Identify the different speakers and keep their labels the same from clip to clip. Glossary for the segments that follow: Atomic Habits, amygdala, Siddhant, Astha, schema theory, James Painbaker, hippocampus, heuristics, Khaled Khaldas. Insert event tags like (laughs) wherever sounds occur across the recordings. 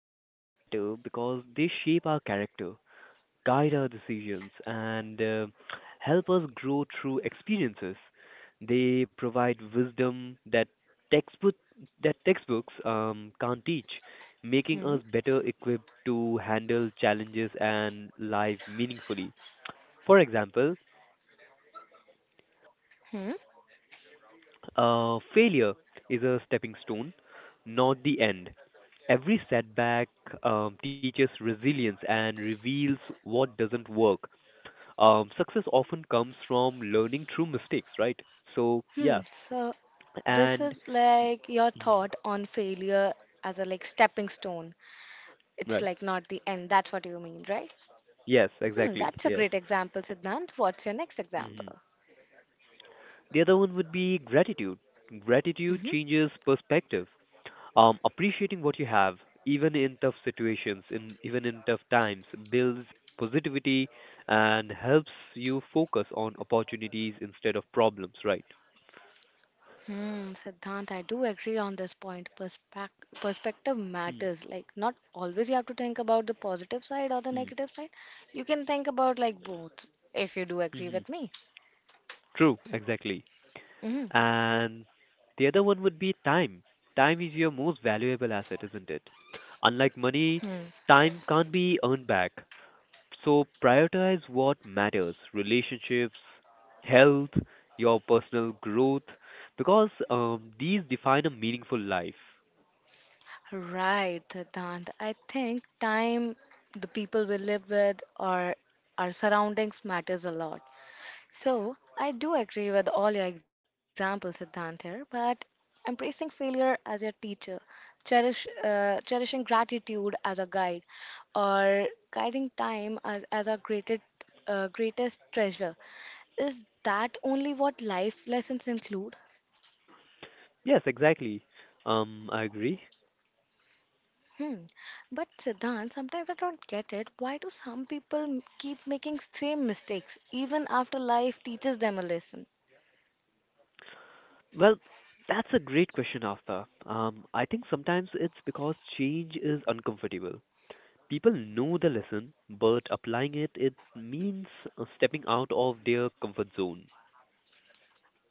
Speaker 1: lessons matter because they shape our character, guide our decisions, and help us grow through experiences. They provide wisdom that textbook textbooks can't teach, making
Speaker 2: Hmm?
Speaker 1: us better equipped to handle challenges and life meaningfully. For example,
Speaker 2: Hmm?
Speaker 1: failure is a stepping stone, not the end. Every setback teaches resilience and reveals what doesn't work. Success often comes from learning through mistakes, right? So
Speaker 2: Hmm,
Speaker 1: yeah,
Speaker 2: so this
Speaker 1: and.
Speaker 2: is like your
Speaker 1: Mhm.
Speaker 2: thought on failure as a like stepping stone. It's
Speaker 1: Right,
Speaker 2: like not the end. That's what you mean, right?
Speaker 1: yes,
Speaker 2: Hmm,
Speaker 1: exactly,
Speaker 2: that's a
Speaker 1: yes.
Speaker 2: great example, Siddhant. What's your next
Speaker 1: hmm
Speaker 2: example?
Speaker 1: The other one would be gratitude. Gratitude
Speaker 2: Hmm.
Speaker 1: changes perspective. Appreciating what you have, even in tough times, builds positivity and helps you focus on opportunities instead of problems, right?
Speaker 2: Siddhant, I do agree on this point. Perspective
Speaker 1: Mm-hmm.
Speaker 2: matters. Like, not always you have to think about the positive side or the
Speaker 1: Hmm.
Speaker 2: negative side. You can think about like both, if you do agree
Speaker 1: Mhm.
Speaker 2: with me.
Speaker 1: True, exactly.
Speaker 2: Mm-hmm.
Speaker 1: And the other one would be time. Time is your most valuable asset, isn't it? Unlike money, time can't be earned back. So prioritize what matters: relationships, health, your personal growth, because these define a meaningful life.
Speaker 2: Right, Siddhant. I think time, the people we live with, or our surroundings matters a lot. So I do agree with all your examples, Siddhant, here. But embracing failure as your teacher, cherishing gratitude as a guide, or guiding time as our greatest treasure, is that only what life lessons include?
Speaker 1: Yes, exactly. I agree.
Speaker 2: Hmm. But Siddhant, sometimes I don't get it. Why do some people keep making same mistakes even after life teaches them a lesson?
Speaker 1: Well, that's a great question, Afta. I think sometimes it's because change is uncomfortable. People know the lesson, but applying it means stepping out of their comfort zone.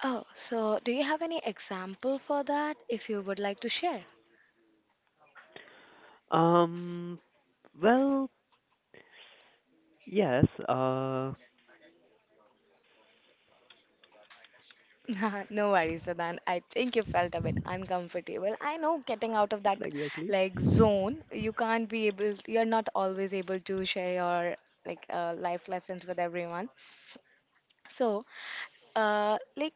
Speaker 2: Oh, so do you have any example for that if you would like to share?
Speaker 1: Um, well, yes,
Speaker 2: (laughs) No worries, Siddhant. I think you felt a bit uncomfortable. I know getting out of that
Speaker 1: exactly.
Speaker 2: like zone, you can't be able, you're not always able to share your like life lessons with everyone. So, like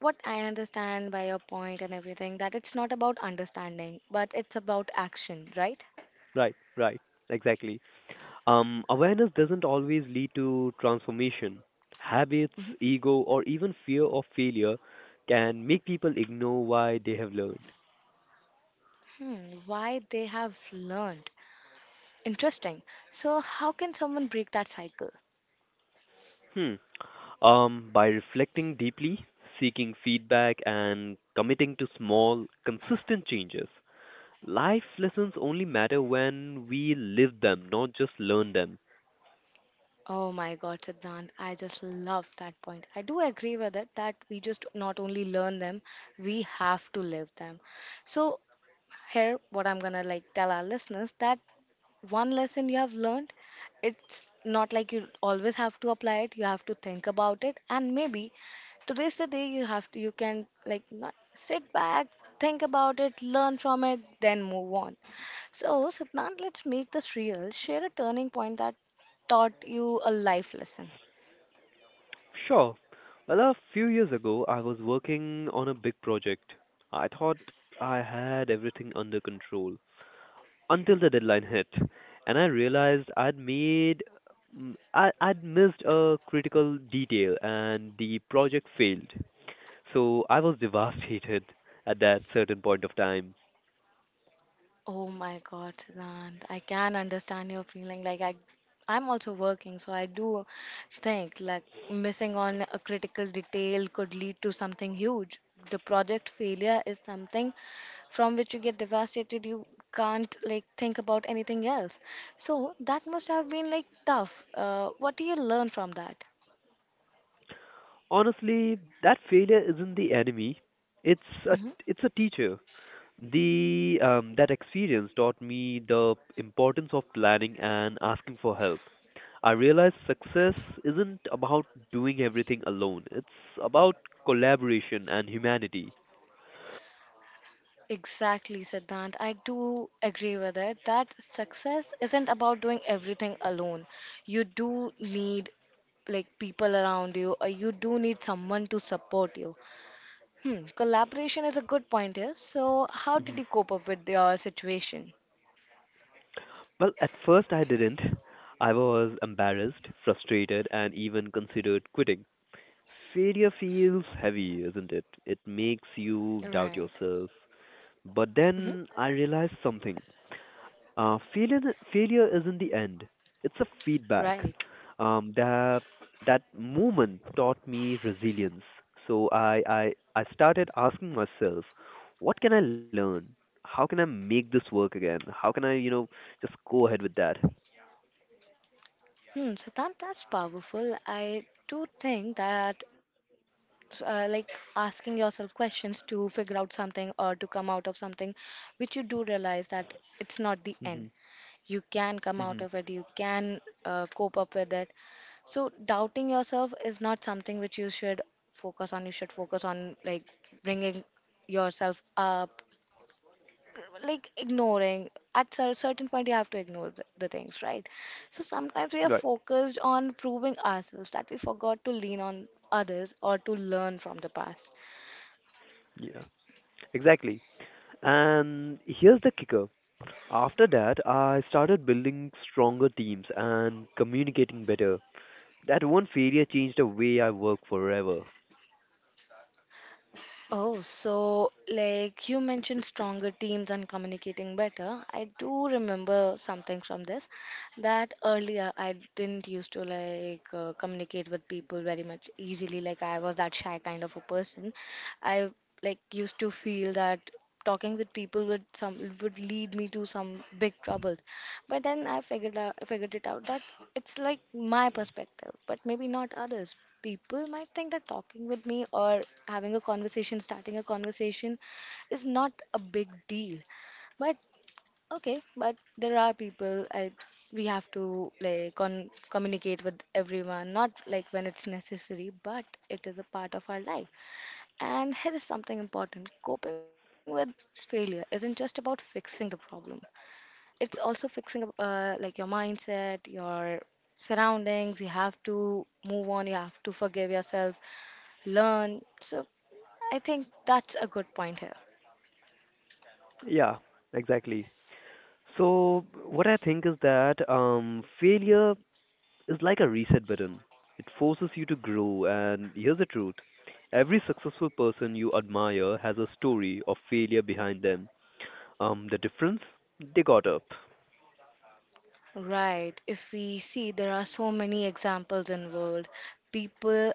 Speaker 2: what I understand by your point and everything, that it's not about understanding, but it's about action, right?
Speaker 1: Right, right, exactly. Awareness doesn't always lead to transformation. Habits,
Speaker 2: Mhm.
Speaker 1: ego, or even fear of failure can make people ignore why they have learned.
Speaker 2: Why they have learned. Interesting. So, how can someone break that cycle?
Speaker 1: Hmm. By reflecting deeply, seeking feedback, and committing to small, consistent changes. Life lessons only matter when we live them, not just learn them.
Speaker 2: Oh my God, Siddhant, I just love that point. I do agree with it that we just not only learn them, we have to live them. So, here, what I'm gonna like tell our listeners that one lesson you have learned, it's not like you always have to apply it. You have to think about it, and maybe today's the day you have to. You can like not sit back, think about it, learn from it, then move on. So, Siddhant, let's make this real. Share a turning point that taught you a life lesson.
Speaker 1: Sure. Well, a few years ago, I was working on a big project. I thought I had everything under control until the deadline hit, and I realized I'd made I'd missed a critical detail and the project failed. So I was (laughs) devastated at that certain point of time.
Speaker 2: Oh my God, Siddhant, I can understand your feeling. Like I'm also working, so I do think like missing on a critical detail could lead to something huge. The project failure is something from which you get devastated. You can't like think about anything else. So that must have been like tough. What do you learn from that?
Speaker 1: Honestly, that failure isn't the enemy. It's a
Speaker 2: Mm-hmm.
Speaker 1: it's a teacher. The That experience taught me the importance of planning and asking for help. I realized success isn't about doing everything alone. It's about collaboration and humanity.
Speaker 2: Exactly, Siddhant. I do agree with it that success isn't about doing everything alone. You do need like people around you, or you do need someone to support you. Collaboration is a good point here. So, how did
Speaker 1: Mhm.
Speaker 2: you cope up with your situation?
Speaker 1: Well, at first I didn't. I was embarrassed, frustrated, and even considered quitting. Failure feels heavy, isn't it? It makes
Speaker 2: Right.
Speaker 1: you doubt yourself. But
Speaker 2: Hmm.
Speaker 1: then I realized something. Uh, failure failure isn't the end; it's a feedback.
Speaker 2: Right.
Speaker 1: Um, that that moment taught me resilience. So I started asking myself, what can I learn? How can I make this work again? How can I just go ahead with that?
Speaker 2: So that's powerful. I do think that, like, asking yourself questions to figure out something or to come out of something, which you do realize that it's not the
Speaker 1: Hmm.
Speaker 2: end. You can come out
Speaker 1: Hmm.
Speaker 2: of it, you can cope up with it. So, doubting yourself is not something which you should focus on. You should focus on, like, bringing yourself up, like ignoring. At a certain point you have to ignore the things, right? So sometimes we are
Speaker 1: Right.
Speaker 2: focused on proving ourselves that we forgot to lean on others or to learn from the past.
Speaker 1: Yeah. Exactly. And here's the kicker. After that, I started building stronger teams and communicating better. That one failure changed the way I work forever.
Speaker 2: Oh, so like you mentioned stronger teams and communicating better. I do remember something from this that earlier I didn't used to like communicate with people very much easily. Like I was that shy kind of a person. I like used to feel that talking with people would lead me to some big troubles. But then I figured it out that it's like my perspective, but maybe not others. People might think that talking with me or having a conversation, starting a conversation, is not a big deal. But okay, but there are people I we have to like con communicate with everyone, not like when it's necessary, but it is a part of our life. And here is something important. Coping with failure isn't just about fixing the problem, it's also fixing up like your mindset, your surroundings. You have to move on, you have to forgive yourself, learn. So I think that's a good point here.
Speaker 1: Yeah, exactly. So what I think is that failure is like a reset button. It forces you to grow, and here's the truth. Every successful person you admire has a story of failure behind them. The difference? They got up.
Speaker 2: Right, if we see there are so many examples in world, people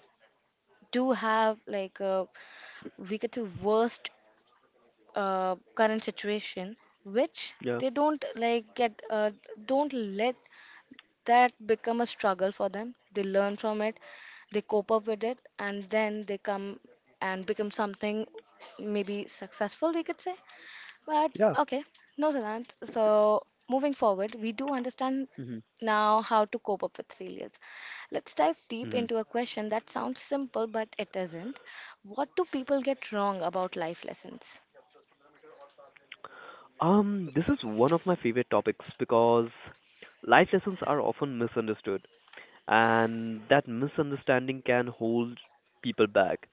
Speaker 2: do have like a we get the worst current situation which
Speaker 1: Yeah.
Speaker 2: they don't like get, don't let that become a struggle for them. They learn from it, they cope up with it, and then they come and become something, maybe successful we could say. But
Speaker 1: Yeah.
Speaker 2: okay, no, Siddhant. So moving forward we do understand
Speaker 1: hmm
Speaker 2: now how to cope up with failures. Let's dive deep
Speaker 1: hmm
Speaker 2: into a question that sounds simple but it isn't, What do people get wrong about life lessons?
Speaker 1: This is one of my favorite topics because life lessons are often misunderstood, and that misunderstanding can hold people back.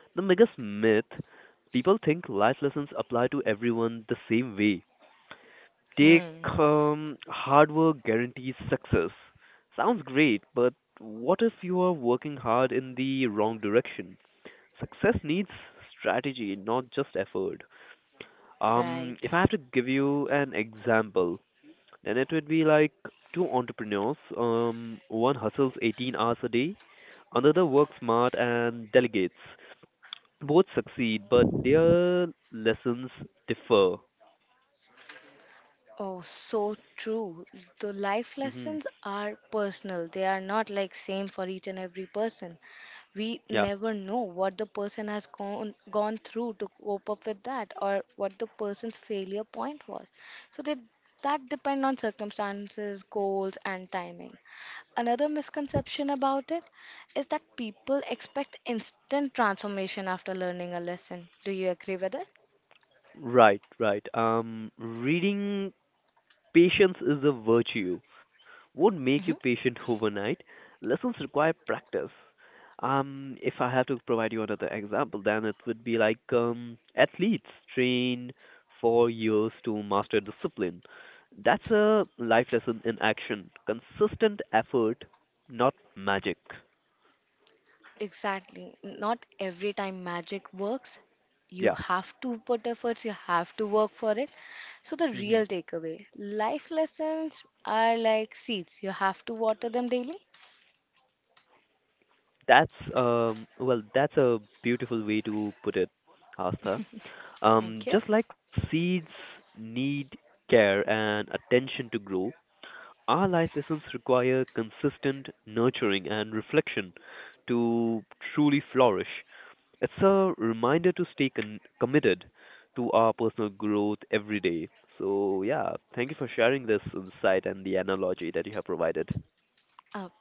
Speaker 1: The biggest myth: people think life lessons apply to everyone the same way. Take
Speaker 2: hmm
Speaker 1: hard work guarantees success. Sounds great, but what if you are working hard in the wrong direction? Success needs strategy, not just effort.
Speaker 2: right
Speaker 1: If I have to give you an example, then it would be like two entrepreneurs. One hustles 18 hours a day, another works smart and delegates. Both succeed, but their lessons differ.
Speaker 2: Oh, so true. The life
Speaker 1: Hmm.
Speaker 2: lessons are personal. They are not like same for each and every person. We
Speaker 1: Yeah,
Speaker 2: never know what the person has gone through to cope up with that or what the person's failure point was. So that depend on circumstances, goals and timing. Another misconception about it is that people expect instant transformation after learning a lesson. Do you agree with it?
Speaker 1: right, right. Reading patience is a virtue won't make you patient overnight. Lessons require practice. If I have to provide you another example, then it would be like athletes train for years to master discipline. That's a life lesson in action. Consistent effort, not magic.
Speaker 2: Exactly. Not every time magic works. You
Speaker 1: Yeah.
Speaker 2: have to put efforts, you have to work for it. So, the
Speaker 1: Mm-hmm.
Speaker 2: real takeaway, life lessons are like seeds, you have to water them daily.
Speaker 1: That's well, that's a beautiful way to put it, Hastha.
Speaker 2: Thank you.
Speaker 1: Just like seeds need care and attention to grow, our life lessons require consistent nurturing and reflection to truly flourish. It's a reminder to stay committed to our personal growth every day. So yeah, thank you for sharing this insight and the analogy that you have provided.
Speaker 2: Oh,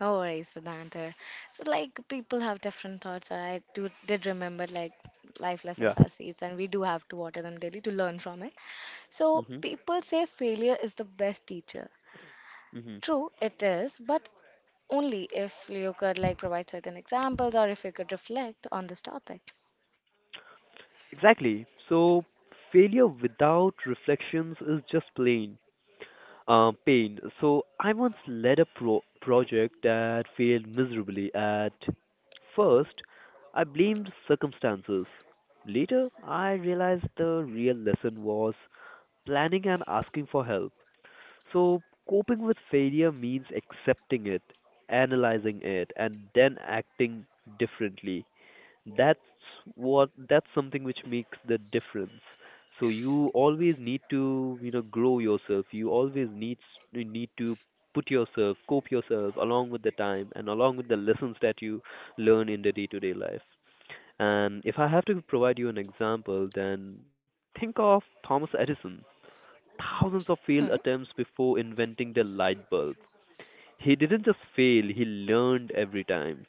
Speaker 2: no worries, Siddhanta. So, like, people have different thoughts. I did remember, like, life
Speaker 1: Yeah.
Speaker 2: lessons are seeds, and we do have to water them daily to learn from it. So,
Speaker 1: Mhm.
Speaker 2: people say failure is the best teacher.
Speaker 1: Mhm.
Speaker 2: True, it is, but only if you could like provide certain examples or if you could reflect on this topic.
Speaker 1: Exactly. So failure without reflections is just plain pain. So I once led a project that failed miserably. At first, I blamed circumstances. Later, I realized the real lesson was planning and asking for help. So coping with failure means accepting it, analyzing it, and then acting differently. that's that's something which makes the difference. So you always need to grow yourself. You need to put yourself cope yourself along with the time and along with the lessons that you learn in the day to day life. And if I have to provide you an example, then think of Thomas Edison: thousands of
Speaker 2: Hmm.
Speaker 1: failed attempts before inventing the light bulb. He didn't just fail, he learned every time.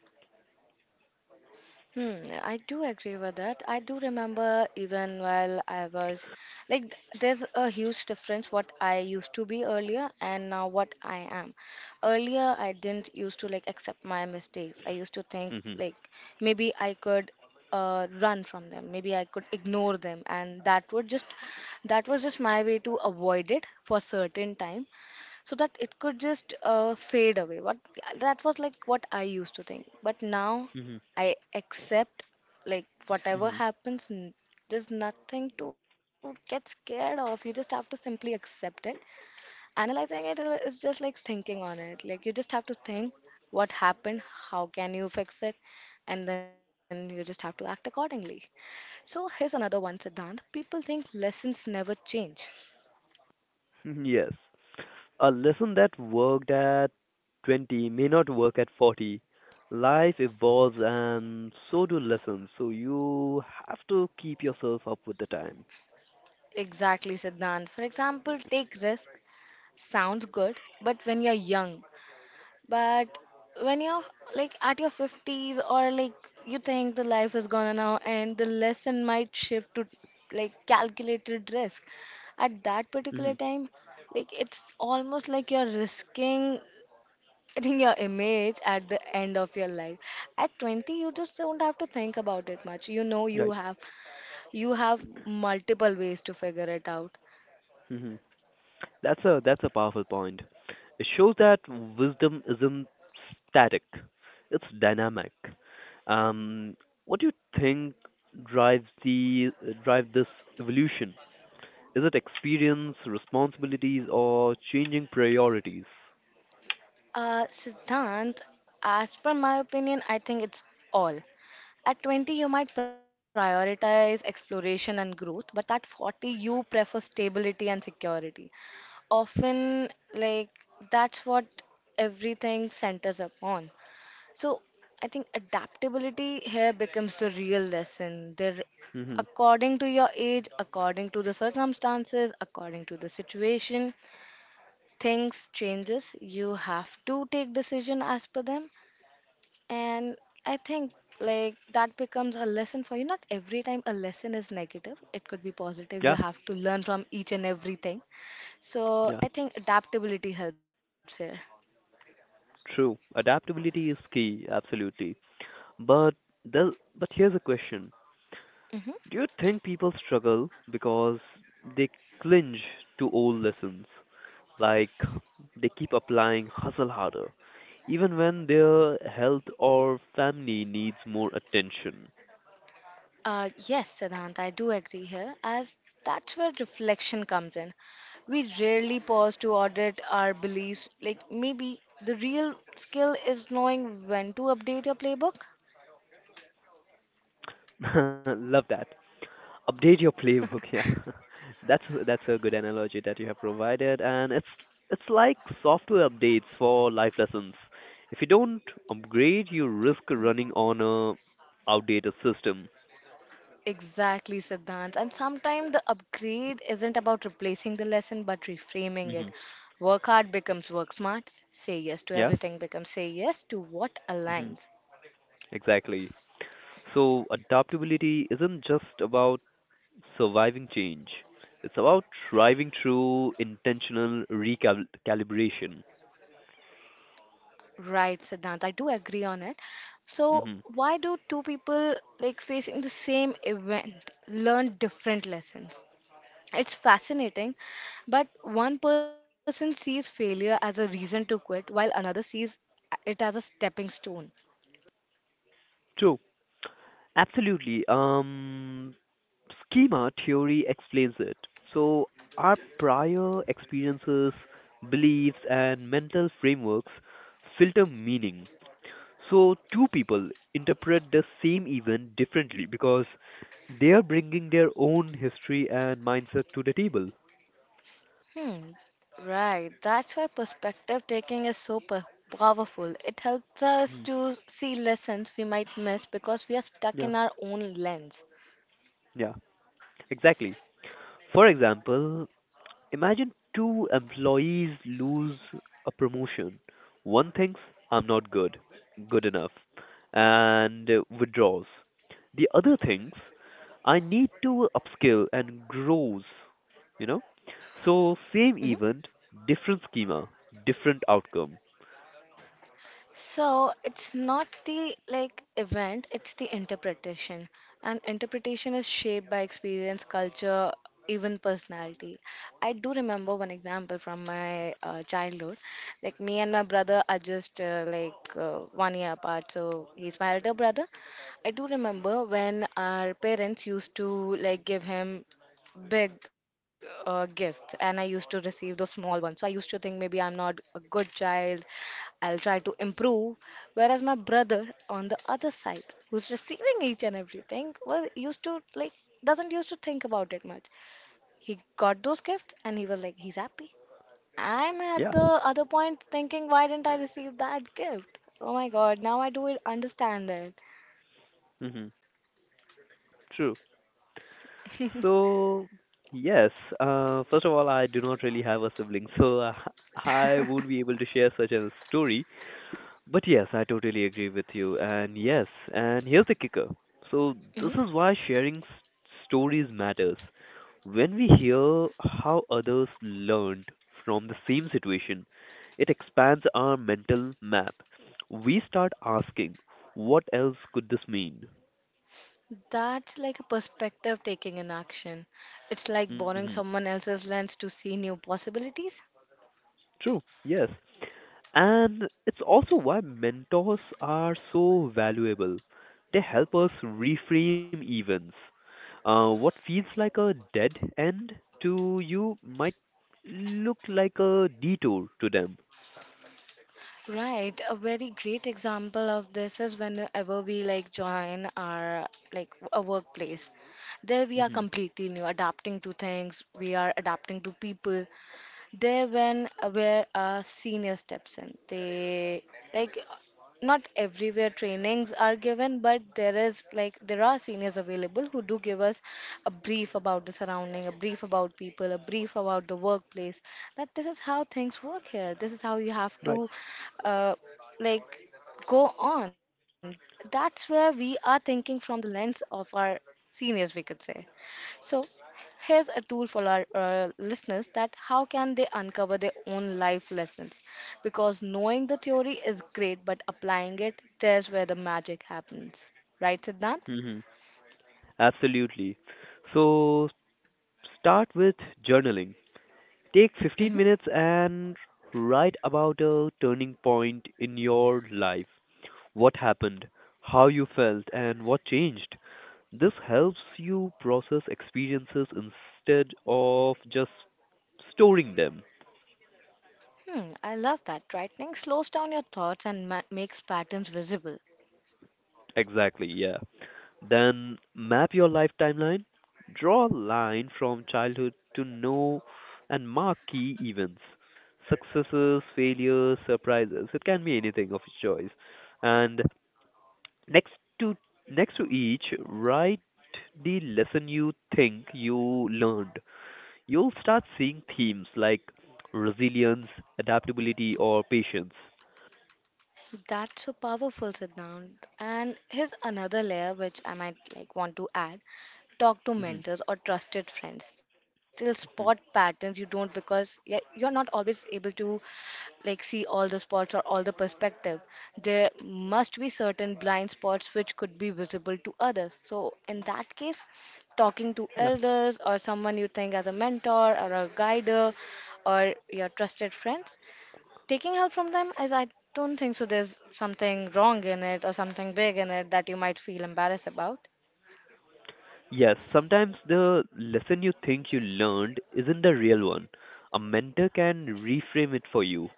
Speaker 2: Hmm, I do agree with that. I do remember even while I was like, there's a huge difference what I used to be earlier and now what I am. Earlier, I didn't used to like accept my mistakes. I used to think
Speaker 1: Mhm.
Speaker 2: like maybe I could run from them, maybe I could ignore them, and that was just my way to avoid it for certain time so that it could just fade away. What that was like what I used to think, but now
Speaker 1: Mhm.
Speaker 2: I accept like whatever
Speaker 1: Mhm.
Speaker 2: happens. There's nothing to get scared of. You just have to simply accept it. Analyzing it is just like thinking on it. Like you just have to think what happened, how can you fix it, and then you just have to act accordingly. So here's another one, Siddhant. People think lessons never change.
Speaker 1: (laughs) Yes. A lesson that worked at 20 may not work at 40. Life evolves and so do lessons. So you have to keep yourself up with the time.
Speaker 2: Exactly, Siddhant. For example, take risk. Sounds good, but but when you're like at your 50s, or like you think the life is gonna now and the lesson might shift to like calculated risk at that particular
Speaker 1: Hmm.
Speaker 2: time, like it's almost like you're risking getting your image at the end of your life. At 20 you just don't have to think about it much, you know, you
Speaker 1: Right.
Speaker 2: have you have multiple ways to figure it out.
Speaker 1: Hmm. That's a powerful point. It shows that wisdom isn't static. It's dynamic. Um, what do you think drives the drive this evolution? Is it experience, responsibilities, or changing priorities?
Speaker 2: Siddhant, as per my opinion, I think it's all. At 20, you might prioritize exploration and growth, but at 40, you prefer stability and security. Often, like, that's what everything centers upon. So, I think adaptability here becomes the real lesson. There, according to your age, according to the circumstances, according to the situation, things changes. You have to take decision as per them. And I think like that becomes a lesson for you. Not every time a lesson is negative, it could be
Speaker 1: Yeah,
Speaker 2: positive. You have to learn from each and everything. So
Speaker 1: yeah,
Speaker 2: I think adaptability helps here.
Speaker 1: true. Adaptability is key, absolutely. But but here's a question.
Speaker 2: Hmm
Speaker 1: Do you think people struggle because they cling to old lessons? Like they keep applying hustle harder, even when their health or family needs more attention.
Speaker 2: Yes, Siddhant, I do agree here, as that's where reflection comes in. We rarely pause to audit our beliefs. Like, maybe the real skill is knowing when to update your playbook.
Speaker 1: (laughs) Love that. Update your playbook. (laughs) Yeah, that's that's a good analogy that you have provided, and it's like software updates for life lessons. If you don't upgrade, you risk running on a outdated system.
Speaker 2: Exactly, Siddhant. And sometimes the upgrade isn't about replacing the lesson but reframing
Speaker 1: Hmm.
Speaker 2: it. Work hard becomes work smart. Say yes to
Speaker 1: Yeah.
Speaker 2: everything becomes say yes to what
Speaker 1: Hmm.
Speaker 2: aligns.
Speaker 1: Exactly. So adaptability isn't just about surviving change, it's about thriving through intentional recalibration.
Speaker 2: Right, Siddhant. I do agree on it. So,
Speaker 1: Hmm.
Speaker 2: why do two people like facing the same event learn different lessons? It's fascinating, but one person sees failure as a reason to quit while another sees it as a stepping stone.
Speaker 1: True. Absolutely. Schema theory explains it. So, our prior experiences, beliefs, and mental frameworks filter meaning. So, two people interpret the same event differently because they are bringing their own history and mindset to the table.
Speaker 2: Hmm, right. That's why perspective taking is so powerful. It helps us
Speaker 1: Hmm.
Speaker 2: to see lessons we might miss because we are stuck
Speaker 1: Yeah,
Speaker 2: in our own lens.
Speaker 1: yeah, exactly. For example, imagine two employees lose a promotion. One thinks, I'm not good enough, and withdraws. The other thinks, I need to upskill and grows, you know? So,
Speaker 2: Mm-hmm.
Speaker 1: same event, different schema, different outcome.
Speaker 2: So it's not the like event, it's the interpretation. And interpretation is shaped by experience, culture, even personality. I do remember one example from my childhood. Like me and my brother are just 1 year apart, so he's my elder brother. I do remember when our parents used to like give him big gifts, and I used to receive those small ones, so I used to think maybe I'm not a good child. I'll try to improve. Whereas my brother on the other side, who's receiving each and everything, was used to like doesn't used to think about it much. He got those gifts and he was like he's happy. I'm at
Speaker 1: Yeah.
Speaker 2: the other point thinking, why didn't I receive that gift? Oh my god, now I do it understand that.
Speaker 1: Hmm. True. So, yes, first of all, I do not really have a sibling, so (laughs) I won't be able to share such a story. But yes, I totally agree with you. And yes, and here's the kicker. So,
Speaker 2: Hmm.
Speaker 1: this is why sharing stories matters. When we hear how others learned from the same situation, it expands our mental map. We start asking, what else could this mean?
Speaker 2: That's like a perspective taking an action. It's like
Speaker 1: Hmm.
Speaker 2: borrowing someone else's lens to see new possibilities.
Speaker 1: True, yes. And it's also why mentors are so valuable. They help us reframe events. What feels like a dead end to you might look like a detour to them.
Speaker 2: Right, a very great example of this is whenever we like join our like a workplace. There we are
Speaker 1: Hmm.
Speaker 2: completely new, adapting to things, we are adapting to people, there when where our senior steps in. They like not everywhere trainings are given, but there is like there are seniors available who do give us a brief about the surrounding, a brief about people, a brief about the workplace. That this is how things work here. This is how you have
Speaker 1: Right.
Speaker 2: to uh, like go on. That's where we are thinking from the lens of our seniors, we could say. So here's a tool for our listeners, that how can they uncover their own life lessons? Because knowing the theory is great, but applying it, there's where the magic happens. Right, Siddhant?
Speaker 1: Hmm. Absolutely. So start with journaling. Take 15
Speaker 2: Hmm.
Speaker 1: minutes and write about a turning point in your life. What happened, how you felt, and what changed. This helps you process experiences instead of just storing them.
Speaker 2: Hmm, I love that. Writing slows down your thoughts and makes patterns visible.
Speaker 1: Exactly, yeah. Then map your life timeline. Draw a line from childhood to now and mark key events: successes, failures, surprises. It can be anything of your choice. And, Next to next to each, write the lesson you think you learned. You'll start seeing themes like resilience, adaptability, or patience.
Speaker 2: That's so powerful, Siddhant. And here's another layer which I might like want to add. Talk to
Speaker 1: Hmm.
Speaker 2: mentors or trusted friends. They'll spot
Speaker 1: Hmm.
Speaker 2: patterns you don't, because yeah, you're not always able to like see all the spots or all the perspective. There must be certain blind spots which could be visible to others. So in that case, talking to
Speaker 1: Yeah.
Speaker 2: elders or someone you think as a mentor or a guider or your trusted friends, taking help from them, is I don't think so there's something wrong in it or something big in it that you might feel embarrassed about.
Speaker 1: Yes, sometimes the lesson you think you learned isn't the real one. A mentor can reframe it for you.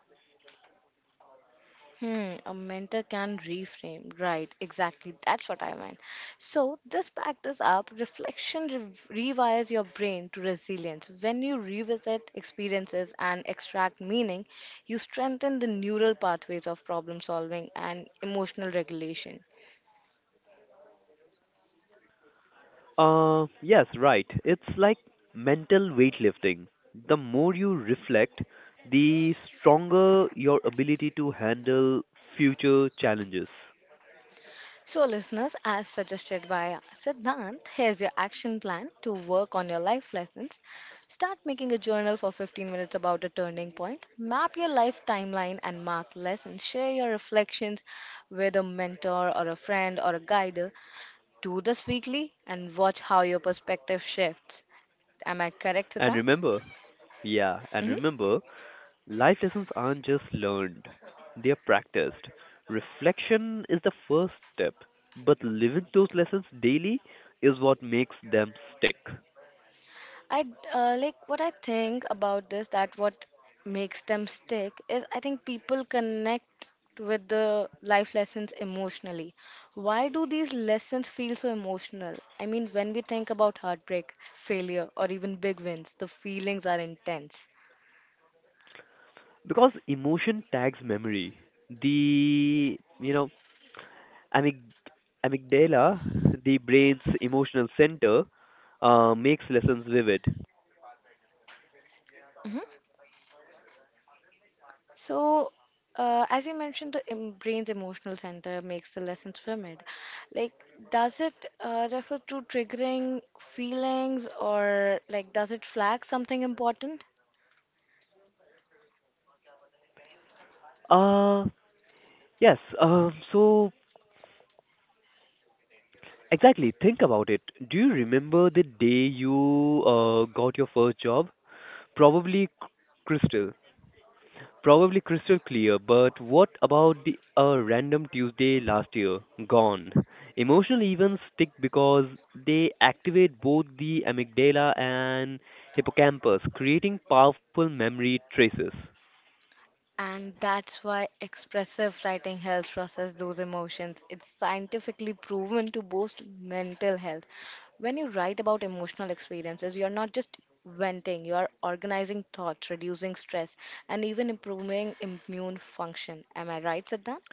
Speaker 2: Hmm, a mentor can reframe. Right, exactly. That's what I meant. So, this back this up. Reflection rewires your brain to resilience. When you revisit experiences and extract meaning, you strengthen the neural pathways of problem solving and emotional regulation.
Speaker 1: Yes, right. It's like mental weightlifting. The more you reflect, the stronger your ability to handle future challenges.
Speaker 2: So, listeners, as suggested by Siddhant, here's your action plan to work on your life lessons. Start making a journal for 15 minutes about a turning point. Map your life timeline and mark lessons. Share your reflections with a mentor or a friend or a guide. Do this weekly and watch how your perspective shifts. Am I correct,
Speaker 1: And
Speaker 2: Siddhant?
Speaker 1: remember, yeah, and
Speaker 2: Mhm.
Speaker 1: remember, life lessons aren't just learned, they are practiced. Reflection is the first step, but living those lessons daily is what makes them stick.
Speaker 2: I like what I think about this, that what makes them stick is, I think people connect with the life lessons emotionally. Why do these lessons feel so emotional? I mean, when we think about heartbreak, failure, or even big wins, the feelings are intense.
Speaker 1: Because emotion tags memory. The, you know, Amyg- amygdala, the brain's emotional center, makes lessons vivid.
Speaker 2: So, as you mentioned, the em brain's emotional center makes the lessons vivid. Like, does it refer to triggering feelings, or like does it flag something important?
Speaker 1: Uh, yes, so exactly, think about it. Do you remember the day you got your first job? Probably c- Crystal. Probably Crystal clear. But what about the a random Tuesday last year? Gone. Emotional events stick because they activate both the amygdala and hippocampus, creating powerful memory traces.
Speaker 2: And that's why expressive writing helps process those emotions. It's scientifically proven to boost mental health. When you write about emotional experiences, you're not just venting, you are organizing thoughts, reducing stress, and even improving immune function. Am I right, Siddhant?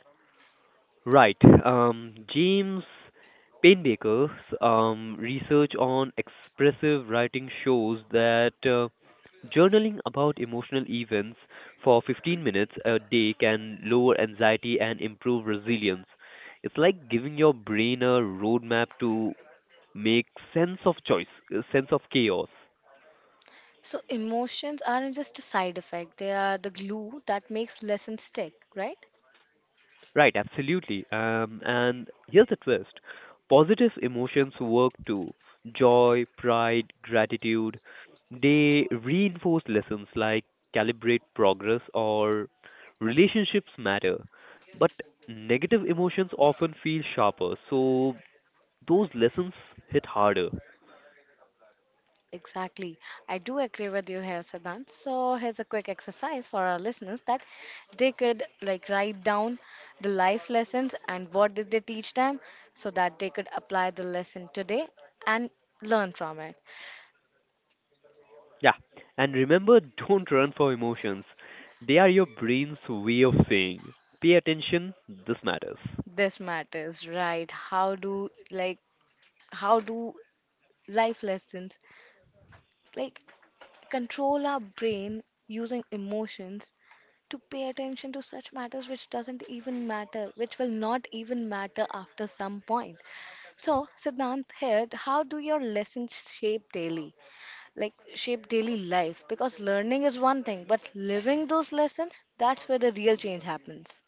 Speaker 1: Right. James Painbaker's research on expressive writing shows that journaling about emotional events for 15 minutes a day can lower anxiety and improve resilience. It's like giving your brain a roadmap to make sense of choice, sense of chaos.
Speaker 2: So emotions aren't just a side effect, they are the glue that makes lessons stick, right?
Speaker 1: Right, absolutely. And here's the twist: positive emotions work too joy, pride, gratitude. They reinforce lessons like calibrate progress or relationships matter. But negative emotions often feel sharper, so those lessons hit harder.
Speaker 2: Exactly. I do agree with you here, Siddhant. So here's a quick exercise for our listeners, that they could like write down the life lessons and what did they teach them, so that they could apply the lesson today and learn from it.
Speaker 1: Yeah, and remember, (laughs) don't run for emotions, they are your brain's way of saying, pay attention, this matters.
Speaker 2: This matters, right? How do like how do life lessons like control our brain using emotions to pay attention to such matters which doesn't even matter, which will not even matter after some point. So, Siddhant here, how do your lessons shape daily, like shape daily life? Because learning is one thing, but living those lessons, that's where the real change happens.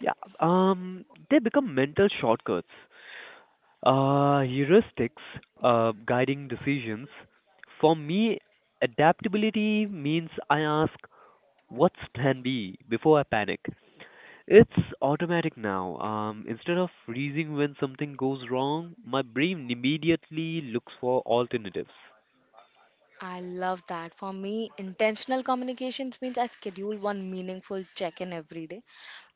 Speaker 1: Yeah, um, they become mental shortcuts, heuristics, guiding decisions. For me, adaptability means I ask, what's plan B before I panic? It's automatic now. Instead of freezing when something goes wrong, my brain immediately looks for alternatives.
Speaker 2: I love that. For me, intentional communications means I schedule one meaningful check in every day,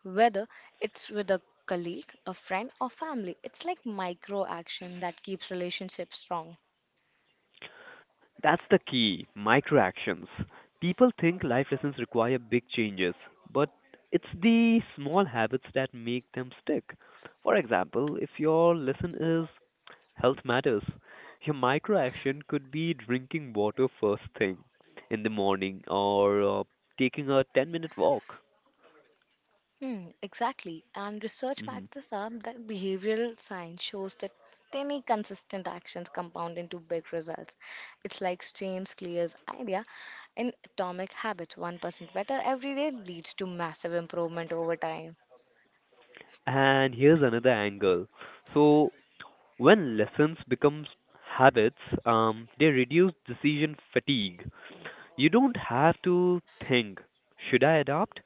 Speaker 2: whether it's with a colleague, a friend, or family. It's like micro action that keeps relationships strong.
Speaker 1: That's the key: micro actions. People think life lessons require big changes, but it's the small habits that make them stick. For example, if your lesson is health matters, your micro action could be drinking water first thing in the morning or taking a 10-minute minute walk.
Speaker 2: Hmm, exactly. And research backs
Speaker 1: Hmm.
Speaker 2: this up, that behavioral science shows that tiny consistent actions compound into big results. It's like James Clear's idea in Atomic Habits, 1% better every day leads to massive improvement over time.
Speaker 1: And here's another angle. So, when lessons becomes habits, they reduce decision fatigue. You don't have to think, should I adopt?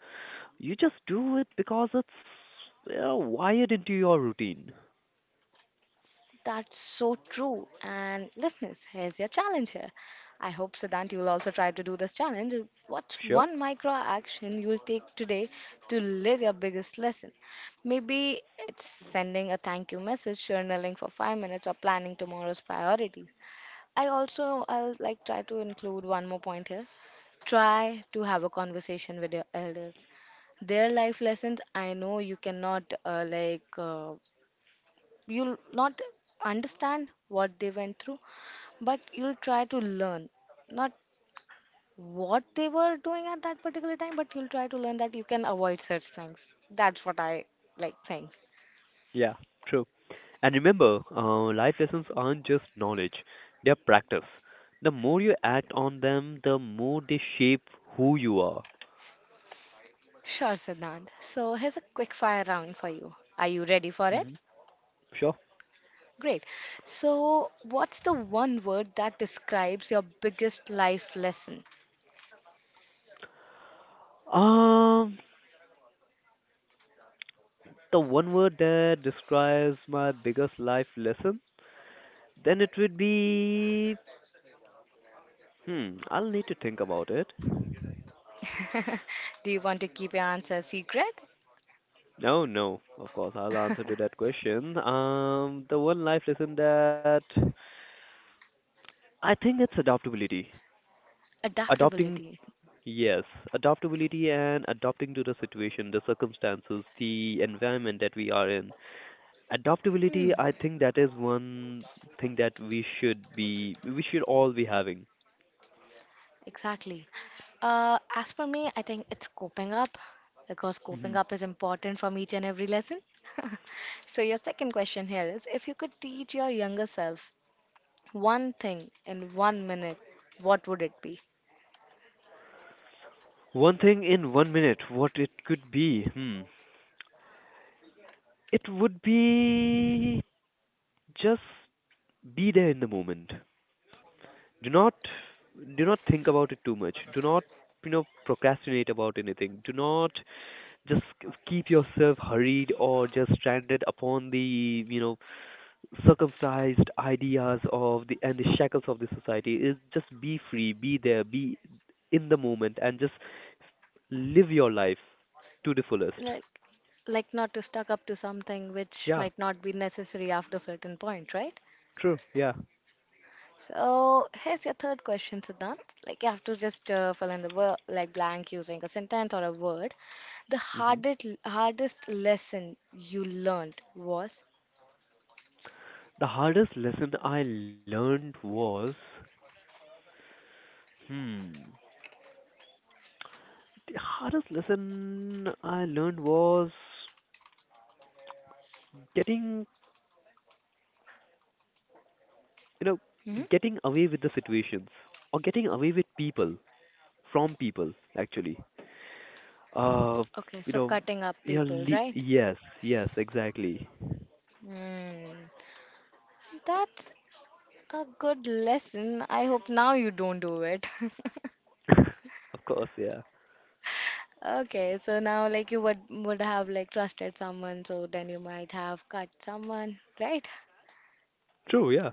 Speaker 1: You just do it because it's you wired into your routine.
Speaker 2: That's so true. And listeners, here's your challenge here. I hope, Siddhant, you'll also try to do this challenge. What's
Speaker 1: Sure?
Speaker 2: one micro action you'll take today to live your biggest lesson? Maybe it's sending a thank you message, journaling for 5 minutes, or planning tomorrow's priorities. I also, I'll like try to include one more point here. Try to have a conversation with your elders, their life lessons. I know you cannot you'll not understand what they went through, but you'll try to learn not what they were doing at that particular time, but you'll try to learn that you can avoid such things. That's what I like think.
Speaker 1: Yeah, true. And remember, life lessons aren't just knowledge, they're practice. The more you act on them, the more they shape who you are.
Speaker 2: Sure, Siddhant. So here's a quick fire round for you. Are you ready for it?
Speaker 1: Hmm. Sure.
Speaker 2: Great. So, what's the one word that describes your biggest life lesson?
Speaker 1: Um, the one word that describes my biggest life lesson, then it would be. Hmm, I'll need to think about it.
Speaker 2: (laughs) Do you want to keep your answer secret?
Speaker 1: No, no. Of course, I'll answer to that question. The one life lesson that I think it's adaptability. Adopting,
Speaker 2: Adaptability.
Speaker 1: yes, adaptability and adapting to the situation, the circumstances, the environment that we are in.
Speaker 2: Hmm.
Speaker 1: Adaptability, I think that is one thing that we should all be having.
Speaker 2: Exactly. As for me, I think it's coping up, because coping
Speaker 1: Hmm.
Speaker 2: up is important from each and every lesson. (laughs) So, your second question here is, if you could teach your younger self one thing in 1 minute, what would it be?
Speaker 1: One thing in 1 minute, what it could be? Hmm. It would be, just be there in the moment. do not do not think about it too much. Do not procrastinate about anything. Do not just keep yourself hurried or just stranded upon the circumcised ideas of the and the shackles of the society. Is just be free, be there, be in the moment, and just live your life to the fullest.
Speaker 2: Like, like not to stuck up to something which
Speaker 1: Yeah,
Speaker 2: might not be necessary after certain point, right?
Speaker 1: true, yeah.
Speaker 2: So here's your third question, Siddhant. Like you have to just fill in the word like blank using a sentence or a word. The
Speaker 1: Hmm.
Speaker 2: hardest lesson you learned was.
Speaker 1: the hardest lesson i learned was hmm the hardest lesson I learned was getting, you know,
Speaker 2: Hmm.
Speaker 1: getting away with the situations, or getting away with people from people, actually. Uh,
Speaker 2: Okay,
Speaker 1: you
Speaker 2: so
Speaker 1: know,
Speaker 2: cutting up
Speaker 1: yeah,
Speaker 2: people, right?
Speaker 1: yes, yes, exactly. (laughs)
Speaker 2: Hmm. That's a good lesson. I hope now you don't do it. (laughs)
Speaker 1: Of course, yeah.
Speaker 2: Okay, so now like you would have like trusted someone, so then you might have cut someone, right?
Speaker 1: True, yeah.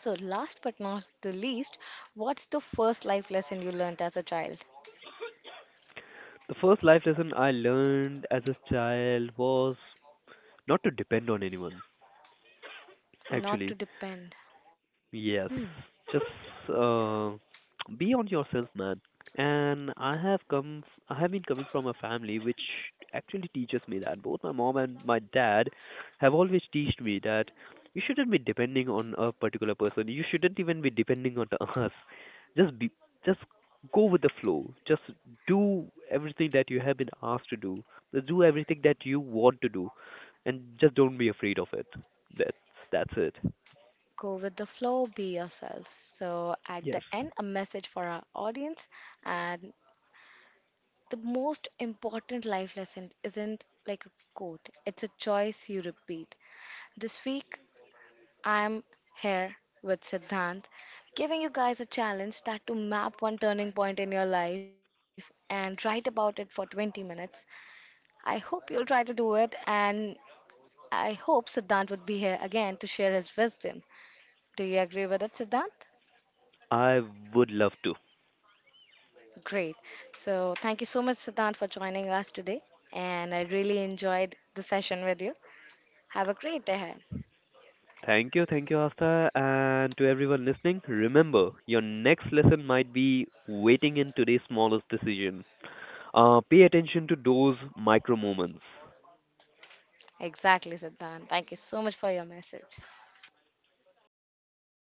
Speaker 2: So, last but not the least, what's the first life lesson you learned as a child?
Speaker 1: The first life lesson I learned as a child was not to depend on anyone,
Speaker 2: Not to
Speaker 1: actually.
Speaker 2: depend.
Speaker 1: Yes, just be on yourself, man. And I have been coming from a family which actually teaches me that. Both my mom and my dad have always taught me that you shouldn't be depending on a particular person. You shouldn't even be depending on (laughs) us. Just be, just go with the flow. Just do everything that you have been asked to do. Just do everything that you want to do, and just don't be afraid of it. That's that's it.
Speaker 2: Go with the flow, be yourself. So, at the
Speaker 1: Yes.
Speaker 2: end, a message for our audience. And the most important life lesson isn't like a quote, it's a choice you repeat. This week, I'm here with Siddhant, giving you guys a challenge, that to map one turning point in your life and write about it for 20 minutes. I hope you'll try to do it, and I hope Siddhant would be here again to share his wisdom. Do you agree with it, Siddhant?
Speaker 1: I would love to.
Speaker 2: Great. So, thank you so much, Siddhant, for joining us today, and I really enjoyed the session with you. Have a great day ahead.
Speaker 1: Thank you, Asta, and to everyone listening. Remember, your next lesson might be waiting in today's smallest decision. Pay attention to those micro moments.
Speaker 2: Exactly, Siddhant. Thank you so much for your message.
Speaker 1: Thank you.